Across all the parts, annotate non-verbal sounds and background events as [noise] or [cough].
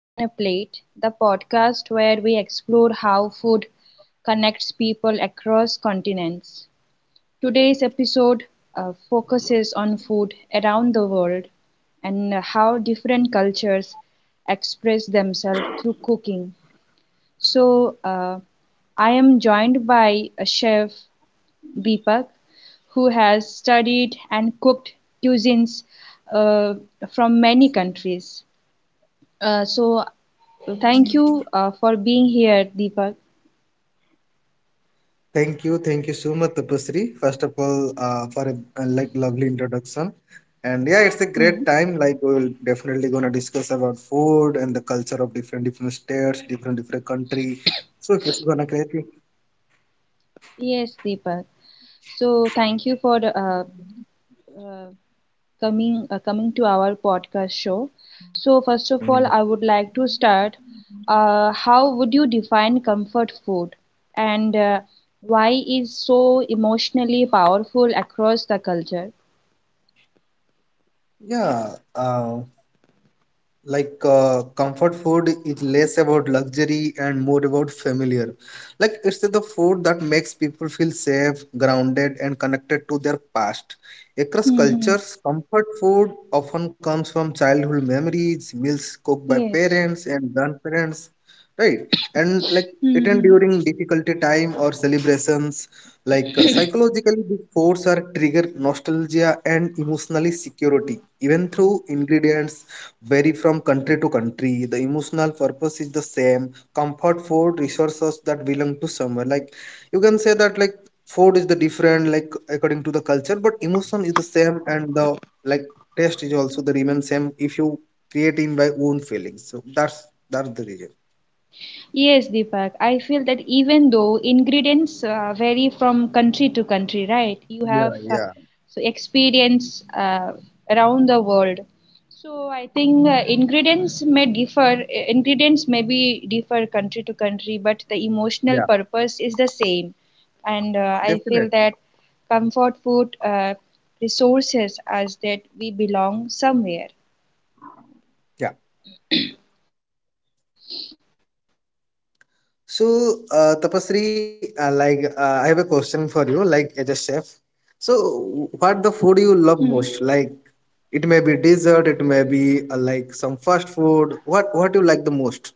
on a Plate, the podcast where we explore how food connects people across continents. Today's episode focuses on food around the world and how different cultures express themselves through cooking. So, I am joined by a chef Deepak who has studied and cooked cuisines uh, from many countries. So thank you for being here, Deepak. Thank you so much, Tapasri. First of all, for a like lovely introduction, and yeah, it's a Hmm. great time. Like we'll definitely gonna discuss about food and the culture of different different states, different different country. So this is gonna create. Yes, Deepak. So thank you for uh, coming coming to our podcast show. So first of Mm. all, I would like to start. How would you define comfort food, and why is so emotionally powerful across the culture? Yeah. Like comfort food is less about luxury and more about familiar, like it's the food that makes people feel safe, grounded and connected to their past. Across Hmm. cultures, comfort food often comes from childhood memories, meals cooked by Yes. parents and grandparents, right. And like eaten Hmm. during difficulty time or celebrations. Like psychologically these foods are trigger nostalgia and emotionally security, even through ingredients vary from country to country. The emotional purpose is the same. Comfort food resources that belong to somewhere. Like you can say that, like food is the different, like according to the culture, but emotion is the same, and the like taste is also the remain same if you create in by own feelings. So that's the reason. Yes, Deepak, I feel that even though ingredients vary from country to country, right? You Yeah, have yeah, so experience around the world. So I think ingredients may differ, ingredients may be differ country to country, but the emotional yeah. purpose is the same. And I feel Definitely. that comfort food resources as that we belong somewhere. Yeah. So, Deepak, going forward, So, yeah. Tapasri, like I have a question for you, like as a chef. Hmm. So, what the food you love most? Like it may be dessert, it may be like some fast food. What you like the most?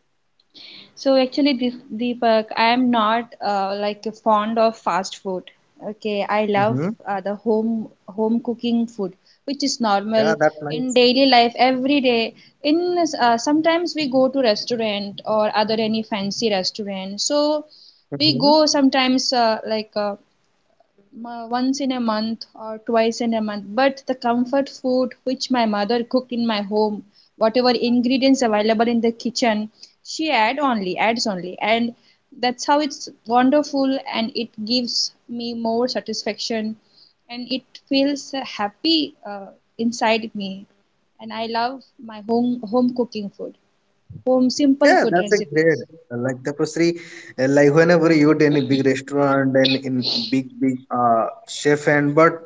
So actually, this Deepak, I am not like fond of fast food. Okay, I love Mm-hmm. The home cooking food, which is normal Yeah, that's in nice. daily life every day. In sometimes we go to restaurant or other any fancy restaurant. So we Mm-hmm. go sometimes once in a month or twice in a month, but the comfort food which my mother cooked in my home, whatever ingredients available in the kitchen, she adds only, and that's how it's wonderful, and it gives me more satisfaction, and it feels happy inside me, and I love my home cooking food, home simple Yeah, food that's a great. recipes. Like Tapasri, like whenever you eat any big restaurant and in big big chef hand, but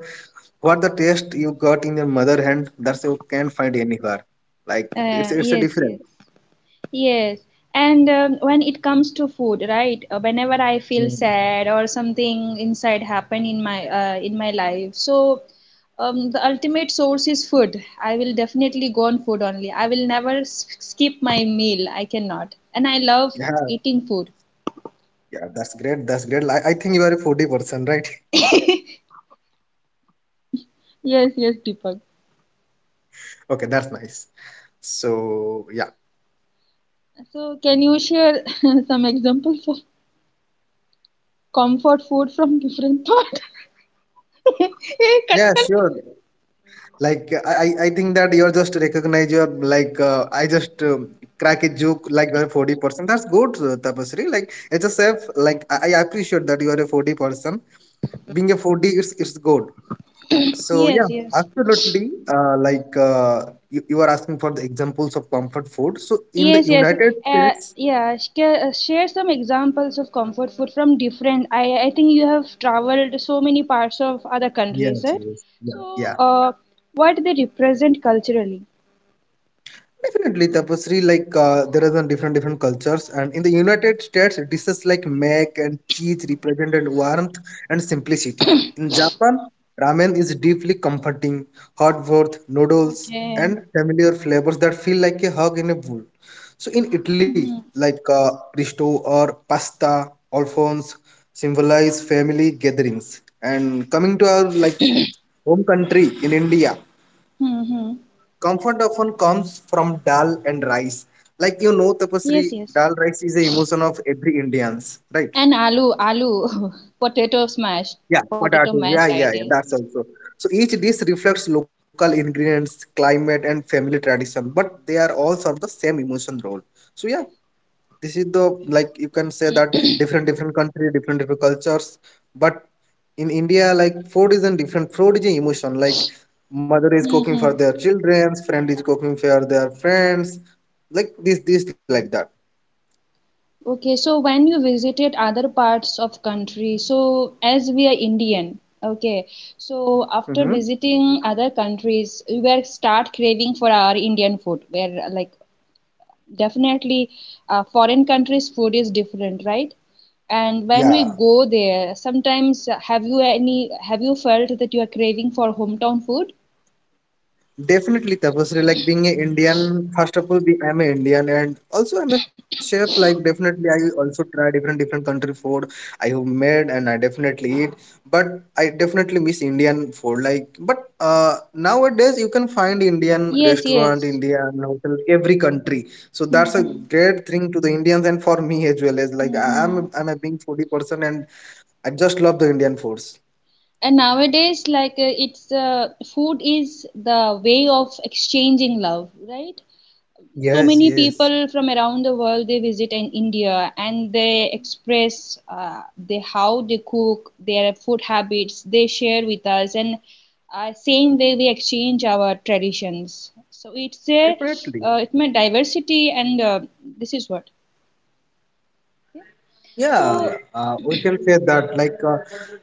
what the taste you got in your mother hand, that's you can't find anywhere. Like it's a Yes, yes. different. Yes, and when it comes to food, right? Whenever I feel Mm-hmm. sad or something inside happen in my life, so the ultimate source is food. I will definitely go on food only. I will never skip my meal. I cannot, and I love Yeah, eating food. yeah, that's great. That's great. I think you are a foodie person, right? [laughs] Yes, yes, Deepak. Okay, that's nice. So yeah, So can you share [laughs] some examples of comfort food from different part? yeah, [laughs] sure. Like I think that you're just recognize your like I just crack a joke like you're a foodie person. That's good, Tapasri. Like it's a chef, like I appreciate that you are a foodie person. Being a foodie, it's good. So Yes, yeah, yes. absolutely. Like you are asking for the examples of comfort food. So in the Yes, yes. United States, Share some examples of comfort food from different. I think you have traveled so many parts of other countries, yes, right? yes, yeah. So, Yeah, what they represent culturally. definitely, Tapasri, like there are some different different cultures, and in the United States, dishes like mac and cheese represented warmth and simplicity. In Japan, ramen is deeply comforting, hot broth, noodles, Okay. and familiar flavors that feel like a hug in a bowl. So in Italy, Mm-hmm. like risotto or pasta, alfons symbolize family gatherings. And coming to our like home country in India, Mm-hmm. comfort often comes from dal and rice. Like you know, Yes, Tapasri, yes. dal rice is a emotion of every Indians, right? And aloo, [laughs] potato Yeah, smashed, potato. potato Yeah, yeah, mashed, yeah. I That's think. also. So each dish reflects local ingredients, climate, and family tradition, but they are all serve the same emotion role. So yeah, this is the, like you can say that different different country, different different cultures, but in India, like food is a different, food is an emotion. Like mother is cooking for Mm-hmm. their children, friend is cooking for their friends, like this like that. Okay, so when you visited other parts of country, so as we are Indian, okay, so after Mm-hmm. visiting other countries, we were start craving for our Indian food, where like definitely foreign countries' food is different, right? And when we Yeah. go there, sometimes have you felt that you are craving for hometown food? Definitely, Tapasri, like being an Indian, first of all, I'm an Indian and also I'm a chef. Like definitely, I also try different different country food. I have made and I definitely eat, but I definitely miss Indian food. Like, but nowadays you can find Indian Yes, restaurant, yes. Indian hotel, every country. So that's a Mm-hmm. great thing to the Indians and for me as well, as like I- Mm-hmm. I'm I'm a being foodie person, and I just love the Indian foods. And nowadays, like, it's food is the way of exchanging love, right? So many Yes, yes. people from around the world, they visit in India, and they express, they how they cook their food habits, they share with us, and same way we exchange our traditions, so it's a, Definitely. It meant diversity, and this is what yeah. Yeah, So we can say that uh,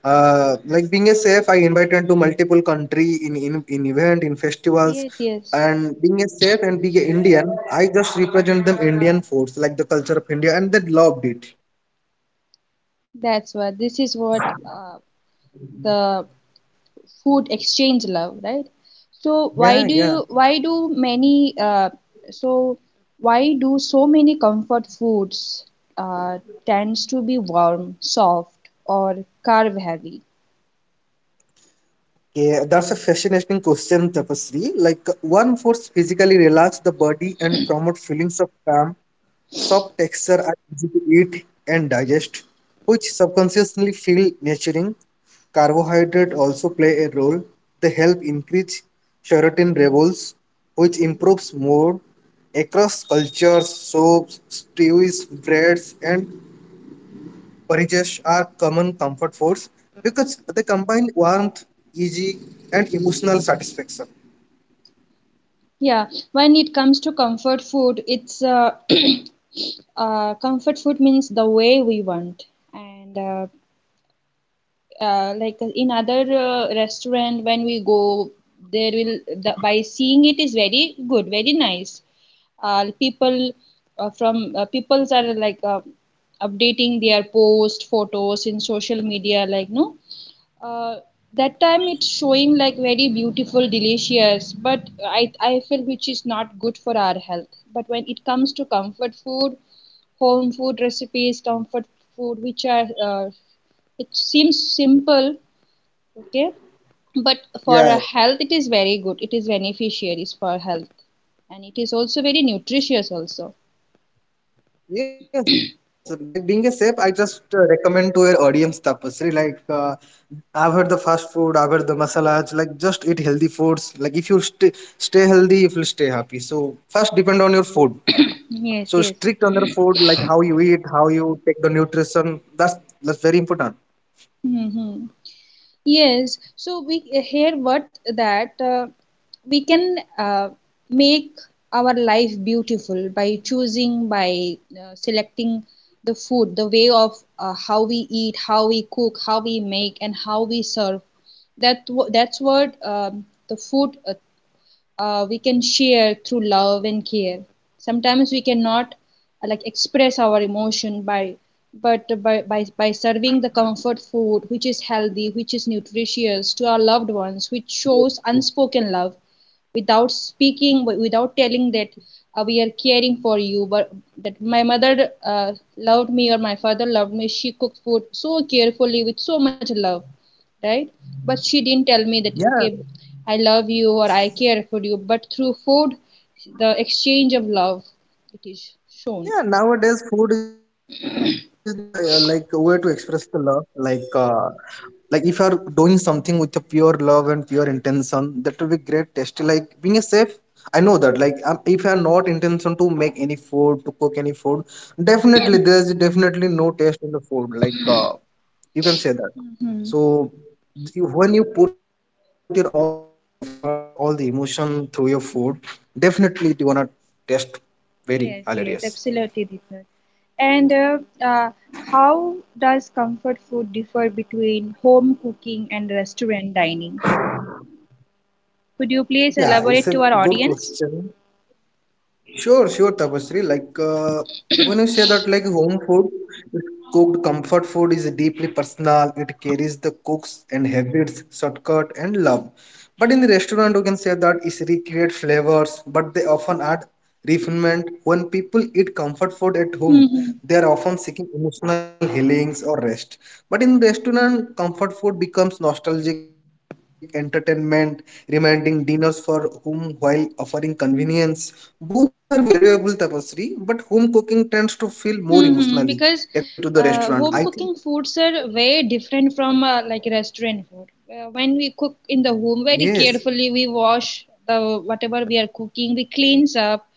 uh, like being a chef, I invited to multiple country in in event in festivals, yes, yes, and being a chef and being an Indian, I just represent them Indian foods like the culture of India, and they loved it. that's what, this is what, uh, the food exchange love, right? Yeah, yeah. why do many, so why do so many comfort foods uh, tends to be warm, soft, or carb heavy? Yeah, that's a fascinating question, Tapasri. Like one force physically relax the body and promote feelings of calm. Soft texture are easy to eat and digest, which subconsciously feel nurturing. Carbohydrates also play a role. They help increase serotonin levels, which improves mood. Across cultures, soups, stews, breads, and porridges are common comfort foods because they combine warmth, easy, and emotional satisfaction. Yeah, when it comes to comfort food, it's comfort food means the way we want, and like in other restaurant, when we go, there will, the, by seeing it is very good, very nice. People, from peoples are like, updating their post photos in social media, like no, uh, that time it's showing like very beautiful delicious, but I feel which is not good for our health. But when it comes to comfort food, home food recipes, comfort food which are, it seems simple, okay, but for a health it Yeah, is very good, it is beneficiaries for health, and it is also very nutritious also. yes, like being a chef, I just recommend to your audience, Tapasri. Like I've heard the fast food, I've heard the masalas. Like just eat healthy foods. Like if you stay healthy, you will stay happy. So first depend on your food. [coughs] Yes, yes. So strict on your food, like how you eat, how you take the nutrition. That's very important. Hmm. Yes, so we hear what that, we can make our life beautiful by choosing, by selecting the food, the way of how we eat, how we cook, how we make, and how we serve. That's what, um, the food, we can share through love and care. Sometimes we cannot like express our emotion by, but by serving the comfort food which is healthy, which is nutritious to our loved ones, which shows unspoken love, without speaking, without telling that, we are caring for you, but that my mother loved me, or my father loved me, she cooked food so carefully with so much love, right? But she didn't tell me that, okay, Yeah, I love you or I care for you, but through food, the exchange of love, it is shown. yeah, nowadays food is the like way to express the love. Like if you are doing something with a pure love and pure intention, that will be great tasty. Like being a chef, I know that. Like if you are not intention to make any food, to cook any food, definitely there is definitely no taste in the food. Like you can say that. Hmm. So you, when you put your all the efforts, all the emotion through your food, definitely it gonna taste very hilarious. Yes, yes, absolutely, Deepak. And uh, how does comfort food differ between home cooking and restaurant dining? Could you please Yeah, it's elaborate a to our good audience? question. Sure, sure, Tapasri. Like when you say that, like home food, is cooked comfort food is deeply personal. It carries the cooks and habits, shortcut, and love. But in the restaurant, you can say that is recreate flavors, but they often add refinement. When people eat comfort food at home, Mm-hmm. they are often seeking emotional healings or rest. But in restaurant, comfort food becomes nostalgic entertainment, reminding dinners for whom while offering convenience. Both are valuable tapestry, but home cooking tends to feel more emotionally, Hmm. according to Because, the restaurant. I think home cooking foods are way different from like restaurant food. When we cook in the home, very yes. carefully we wash the whatever we are cooking, we cleans up,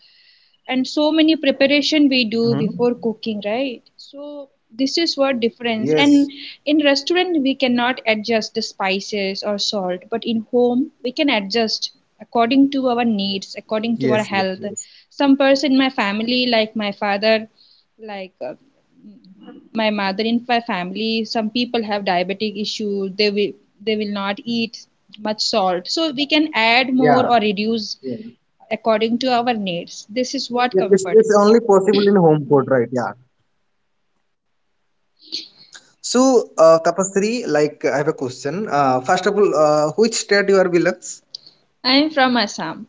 and so many preparation we do Mhm. before cooking, right? So this is what difference. Yes. And in restaurant we cannot adjust the spices or salt, but in home we can adjust according to our needs, according to Yes. our Yes. health. Yes. Some person in my family, like my father, like uh, my mother, in my family some people have diabetic issue, they will, they will not eat much salt, so we can add more Yeah. or reduce Yeah. according to our needs. This is what Yeah, it's, comfort. it's only possible in home code, Hmm. right? Yeah. So, Tapasri, like I have a question. First of all, which state you are belongs? I am from Assam.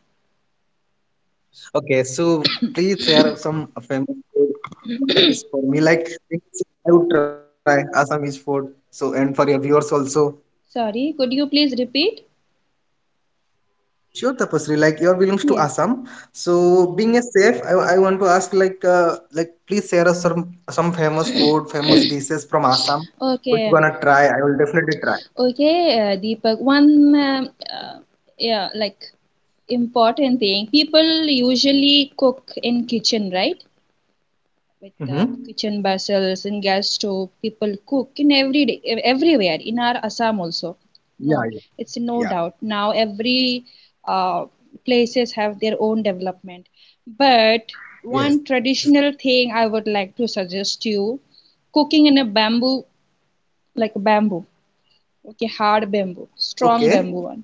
Okay, so please share [coughs] some famous food recipes for me. Like I would try Assamese food. So and for your viewers also. Sorry, could you please repeat? Sure, Tapasri. Like your belongs to Yes. Assam. So being a chef, I want to ask like please share us some famous food, famous dishes [coughs] from Assam. Which you Okay, wanna try? I will definitely try. okay, Deepak. One, uh, yeah, like, important thing. People usually cook in kitchen, right? With the Mm-hmm. kitchen vessels and gas stove, people cook in every day, everywhere in our Assam also, no, Yeah, it's no doubt, yeah. now every uh, places have their own development, but one Yes. traditional thing I would like to suggest you, cooking in a bamboo, like bamboo okay, hard bamboo, Okay. strong bamboo one,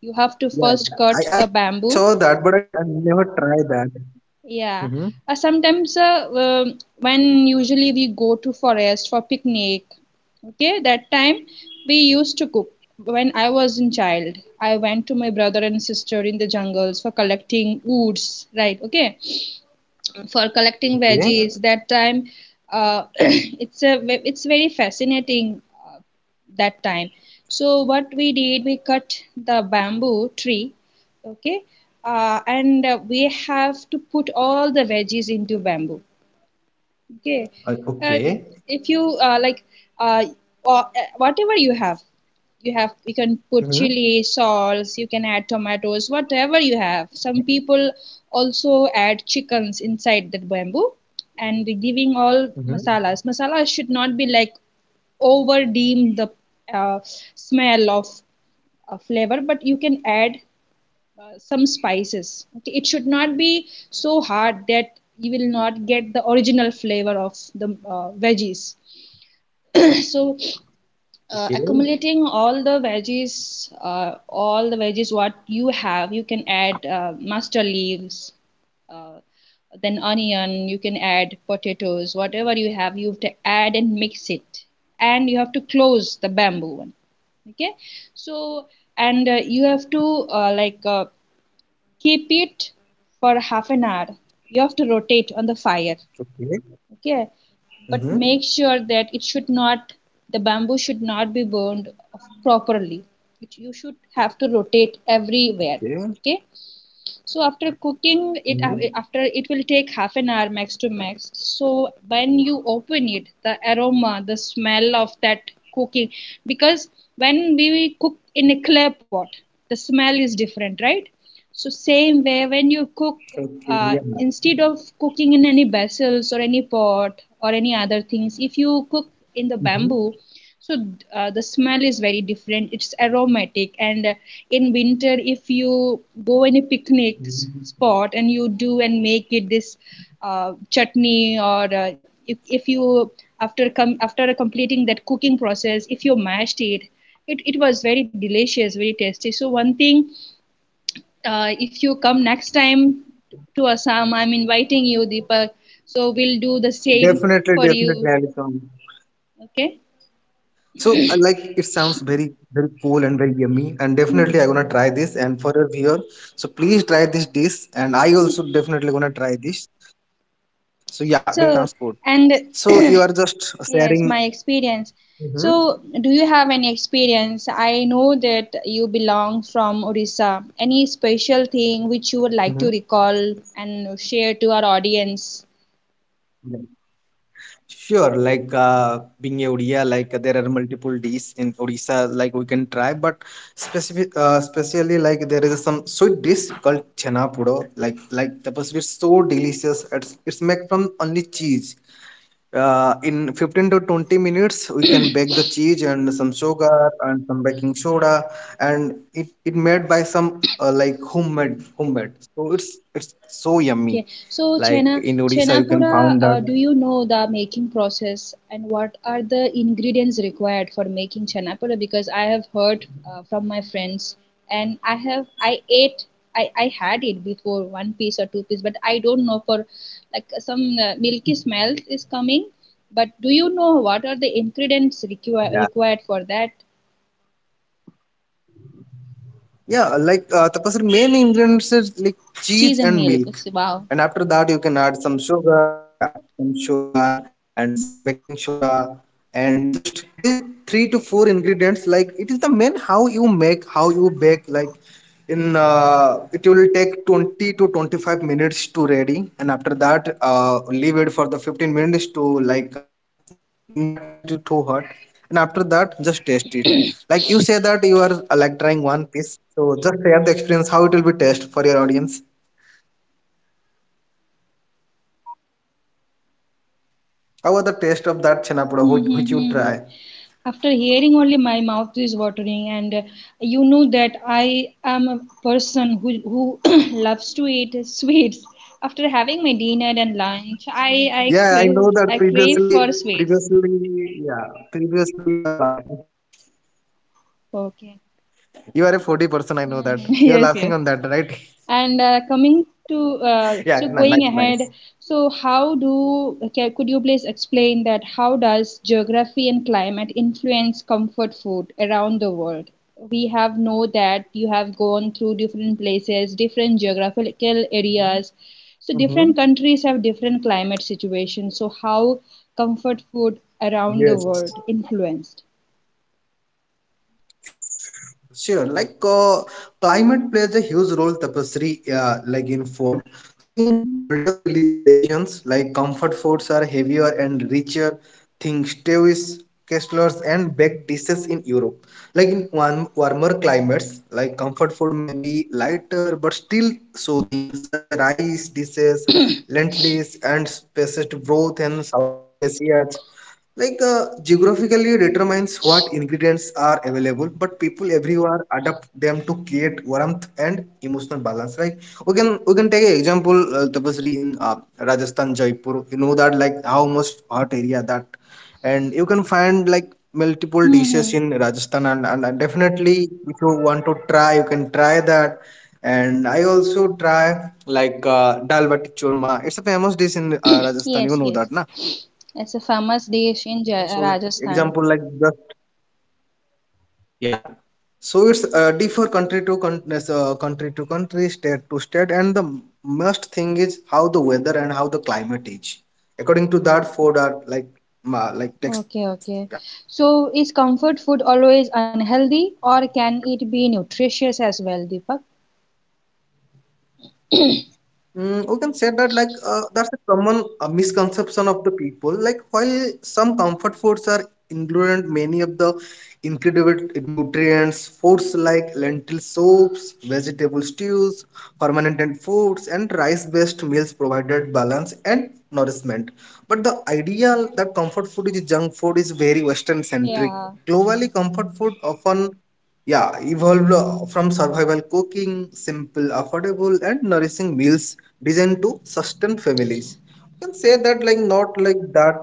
you have Yeah, to yeah. first I cut saw the that, but I, bamboo. I never tried that. Mm-hmm. Yeah, sometimes when usually we go to forest for picnic, okay, that time we used to cook. When I was in child, I went to my brother and sister in the jungles for collecting woods, right? Okay, for collecting Okay. veggies, that time, [clears throat] it's very fascinating, that time, so what we did, we cut the bamboo tree, okay, and we have to put all the veggies into bamboo, okay, uh, Okay. if you like uh, or- whatever you have, you can put Mm-hmm. chili salts, you can add tomatoes, whatever you have, some people also add chickens inside that bamboo, and giving all Mm-hmm. masalas, masalas should not be like over deem the uh, smell of flavor, but you can add some spices, okay? It should not be so hard that you will not get the original flavor of the veggies. [coughs] [clears throat] So, Okay. Accumulating all the veggies what you have, you can add mustard leaves, uh, then onion, you can add potatoes, whatever you have to add and mix it. And you have to close the bamboo one. Okay, so, and you have to keep it for half an hour. You have to rotate on the fire, Okay. okay, but Mm-hmm. make sure that it should not, the bamboo should not be burned properly. You should have to rotate Okay. everywhere, okay, so after cooking it, Mm-hmm. After, it will take half an hour max to max, so when you open it, the aroma, the smell of that cooking, because when we cook in a clay pot, the smell is different, right? So same way, when you cook Okay. Yeah. Instead of cooking in any vessels or any pot or any other things, if you cook in Mm-hmm. the bamboo, so the smell is very different, it's aromatic, and in winter if you go in a picnic spot and you do and make it this chutney, or if you, after come, after completing that cooking process, if you mashed it, it was very delicious, very tasty. So one thing, if you come next time to Assam, I'm inviting you, Deepak, so we'll do the same Definitely, for definitely, you, Alison. okay. So, like, it sounds very, very cool and very yummy. And definitely, I'm gonna try this. And for our viewer, so please try this dish. And I also definitely gonna try this. So, yeah, it sounds So, good. and So, you are just [clears throat] yes, sharing. my experience. Mm-hmm. So, do you have any experience? I know that you belong from Orissa. Any special thing which you would like to Mm-hmm. recall and share to our audience? Yeah. Sure, like being a Odia, like there are multiple dishes in Odisha, like we can try, but specific, especially like there is some sweet dish called chana pudo, like the it's so delicious. It's made from only cheese, in 15 to 20 minutes we can bake the cheese and some sugar and some baking soda, and it made by some like homemade, so it's so yummy. Okay, so Like Chena in Odisha you can Chenapura, found that. Do you know the making process and what are the ingredients required for making Chenapura? Because I have heard from my friends, and I ate, I had it before one piece or two piece, but I don't know, for like some milky smell is coming. But do you know what are the ingredients Yeah, yeah. required for that? Yeah, like Tapasri, main ingredients is like cheese Cheese and and milk. milk, Wow. and after that you can add some sugar. Yeah, some sugar and some baking soda, and just these three to four ingredients. Like it is the main how you make, how you bake. Like in it will take 20 to 25 minutes to ready, and after that leave it for the 15 minutes to like in that time it will too hot, and after that just taste it. Like you say that you are like trying one piece, so just share the experience how it will be taste for your audience, how was the taste of that chenapoda which you try. [laughs] After hearing only my mouth is watering, and you know that I am a person who [coughs] [clears throat] loves to eat sweets. After having my dinner and lunch, Yeah, I know I that. crave previously for sweets. previously yeah, previously you are laughing. Okay. You are a 40 person, I know that Mhm. [laughs] you are Yes, laughing yes. on that, right? [laughs] And coming to, so Yeah, going nice, ahead, nice. so how do could you please explain that how does geography and climate influence comfort food around the world? We have know that you have gone through different places, different geographical areas. So different Mm-hmm. countries have different climate situations. So how comfort food around the world Yes, influenced? sure. Like climate plays a huge role, Tapasri, like in food. So in colder regions, like comfort foods are heavier and richer. Think stews, casseroles, and baked dishes in Europe. Like in warmer climates, like comfort food may be lighter but still soothing, such as rice dishes, lentils, and spiced broth in Southeast Asia. Like the geographically determines what ingredients are available, but people everywhere adapt them to create warmth and emotional balance. Like we can take an example, Tapasri, in Rajasthan, Jaipur. You know that like how much hot area that, and you can find like multiple dishes Hmm. in Rajasthan, and definitely if you want to try, you can try that. And I also try like dal bati churma. It's a famous dish in [clears throat] Rajasthan. You Yes, know yes. that, na? It's a famous dish in So Rajasthan. example like the yeah, so it's differ country to country, so, country to country, state to state, and the most thing is how the weather and how the climate is. According to that, food are like like takes Okay, place. Yeah. okay. So is comfort food always unhealthy, or can it be nutritious as well, Deepak? Mm, we can say that like that's a common misconception of the people. Like while some comfort foods are included, many of the incredible nutrients, foods like lentil soups, vegetable stews, fermented foods, and rice-based meals provided balance and nourishment. But the idea that comfort food is junk food is very Western-centric. Yeah, Globally, comfort food often yeah, evolved from survival cooking, simple, affordable, and nourishing meals designed to sustain families. You can say that, like, not like that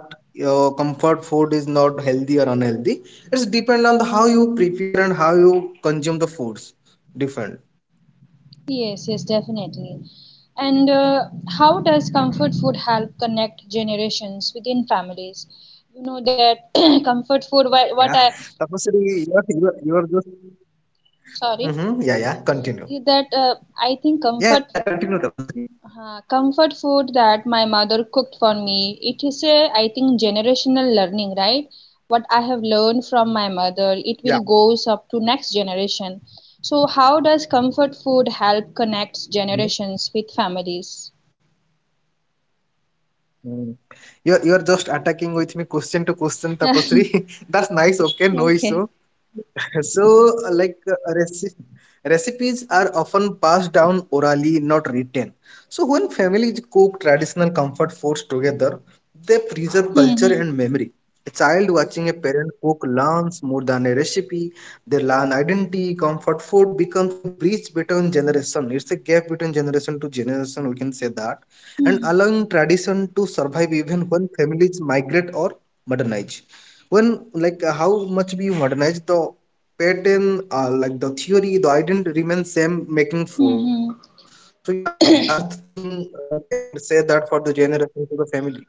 comfort food is not healthy or unhealthy. It's depend on the, how you prepare and how you consume the foods. Different. yes, yes, definitely. And how does comfort food Mhm. help connect generations within families? You know that [clears throat] comfort food, what Yeah. I, Tapasri, you are just. sorry, Mm-hmm. Yeah, uh, yeah. Continue. is that I think comfort Yeah, continue, Tapasri. हाँ, comfort food that my mother cooked for me. It is a, I think, generational learning, right? What I have learned from my mother, it will Yeah. goes up to next generation. So, how does comfort food help connect generations with families? Mm. You're just attacking with me question to question, Tapasri. [laughs] [laughs] That's nice. Okay, no Okay. issue. [laughs] So, like recipes are often passed down orally, not written. So, when families cook traditional comfort foods together, they preserve culture Mm-hmm. and memory. A child watching a parent cook learns more than a recipe. They learn identity. Comfort food becomes a bridge between generation. It's a gap between generation to generation. We can say that and allowing tradition to survive even when families migrate or modernize. When like how much we modernize the pattern, like the theory, the identity remains same making Mm-hmm. food. So yeah, that's the thing you can say that for the generation to the family.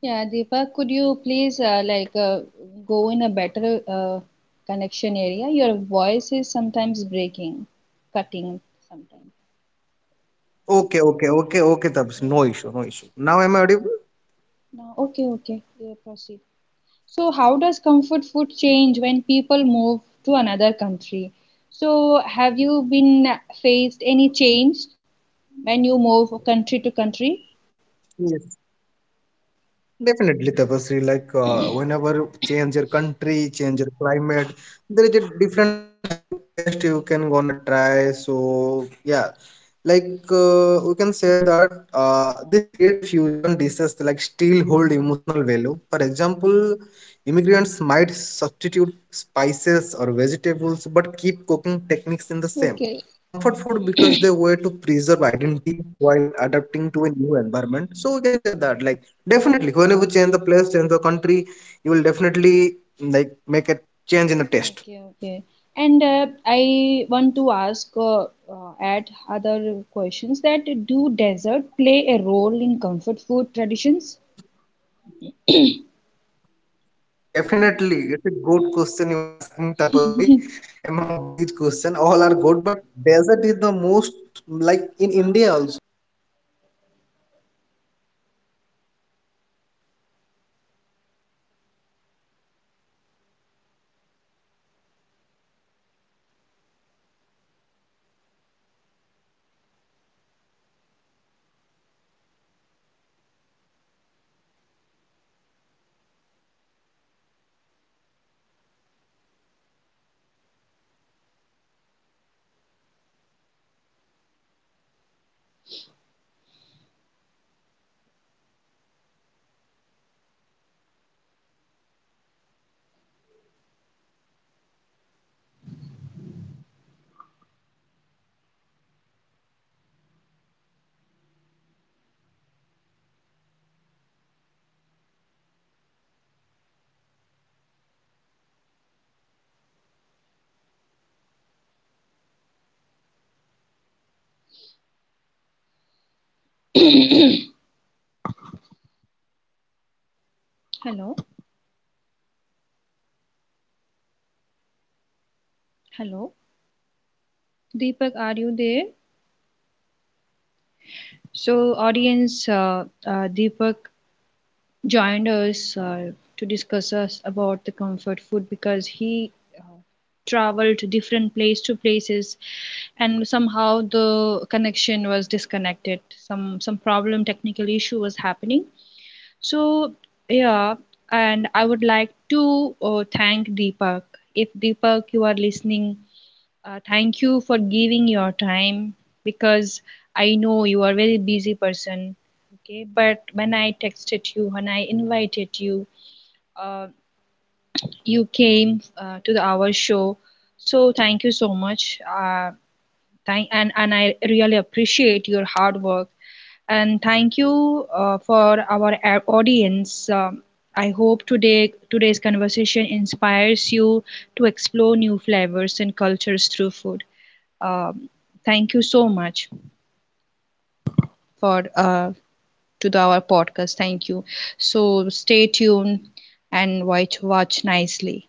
Yeah, Deepa, could you please go in a better connection area? Your voice is sometimes breaking, cutting sometimes. Okay, okay, okay, okay, Tabs. Yeah. No issue, no issue. Now am I audible? No, okay, okay, yeah, proceed. So, how does comfort food change when people move to another country? So, have you been faced any change when you move country to country? Yes. Definitely, Tapasri. Like whenever change your country, change your climate, there is a different type of taste you can gonna try. So yeah, like we can say that this create fusion dishes like still hold emotional value. For example, immigrants might substitute spices or vegetables, but keep cooking techniques in the same. Okay, Comfort food because they were to preserve identity while adapting to a new environment. So we can say that like definitely, whenever you change the place, change the country, you will definitely like make a change in the okay, taste. okay. And I want to ask, add other questions, that do dessert play a role in comfort food traditions? Definitely, it's a good question you are asking, Tapasri. [coughs] Among of these questions, all are good, but desert is the most like in India also. It's the most common thing. After food, like they definitely want a dessert. So, like dessert are often tried to celebration and rewarded. Rice pudding, bread pudding, gulab jamun, flan, chocolate cake, all serve as emotional anchors. Like sweetness is universally associated with happiness and care like DJs often mark special moments, making them powerful comfort foods during emotional types. So it's a playing a main role in food. Like after the food, everyone want dessert, right? You also. Hello? Am I audible, Tapasri? Hello, hello, Deepak, are you there? So, audience, Deepak joined us to discuss us about the comfort food, because he uh, traveled to different place to places, and somehow the connection was disconnected, some problem, technical issue was happening, so yeah, and I would like to thank Deepak, if Deepak you are listening, thank you for giving your time, because I know you are a very busy person. Okay, but when I texted you, when I invited you, uh, you came to the our show. So thank you so much. Thank and I really appreciate your hard work, and thank you for our audience. I hope today's conversation inspires you to explore new flavors and cultures through food. Um, thank you so much for to the, our podcast. Thank you. So stay tuned and watch nicely.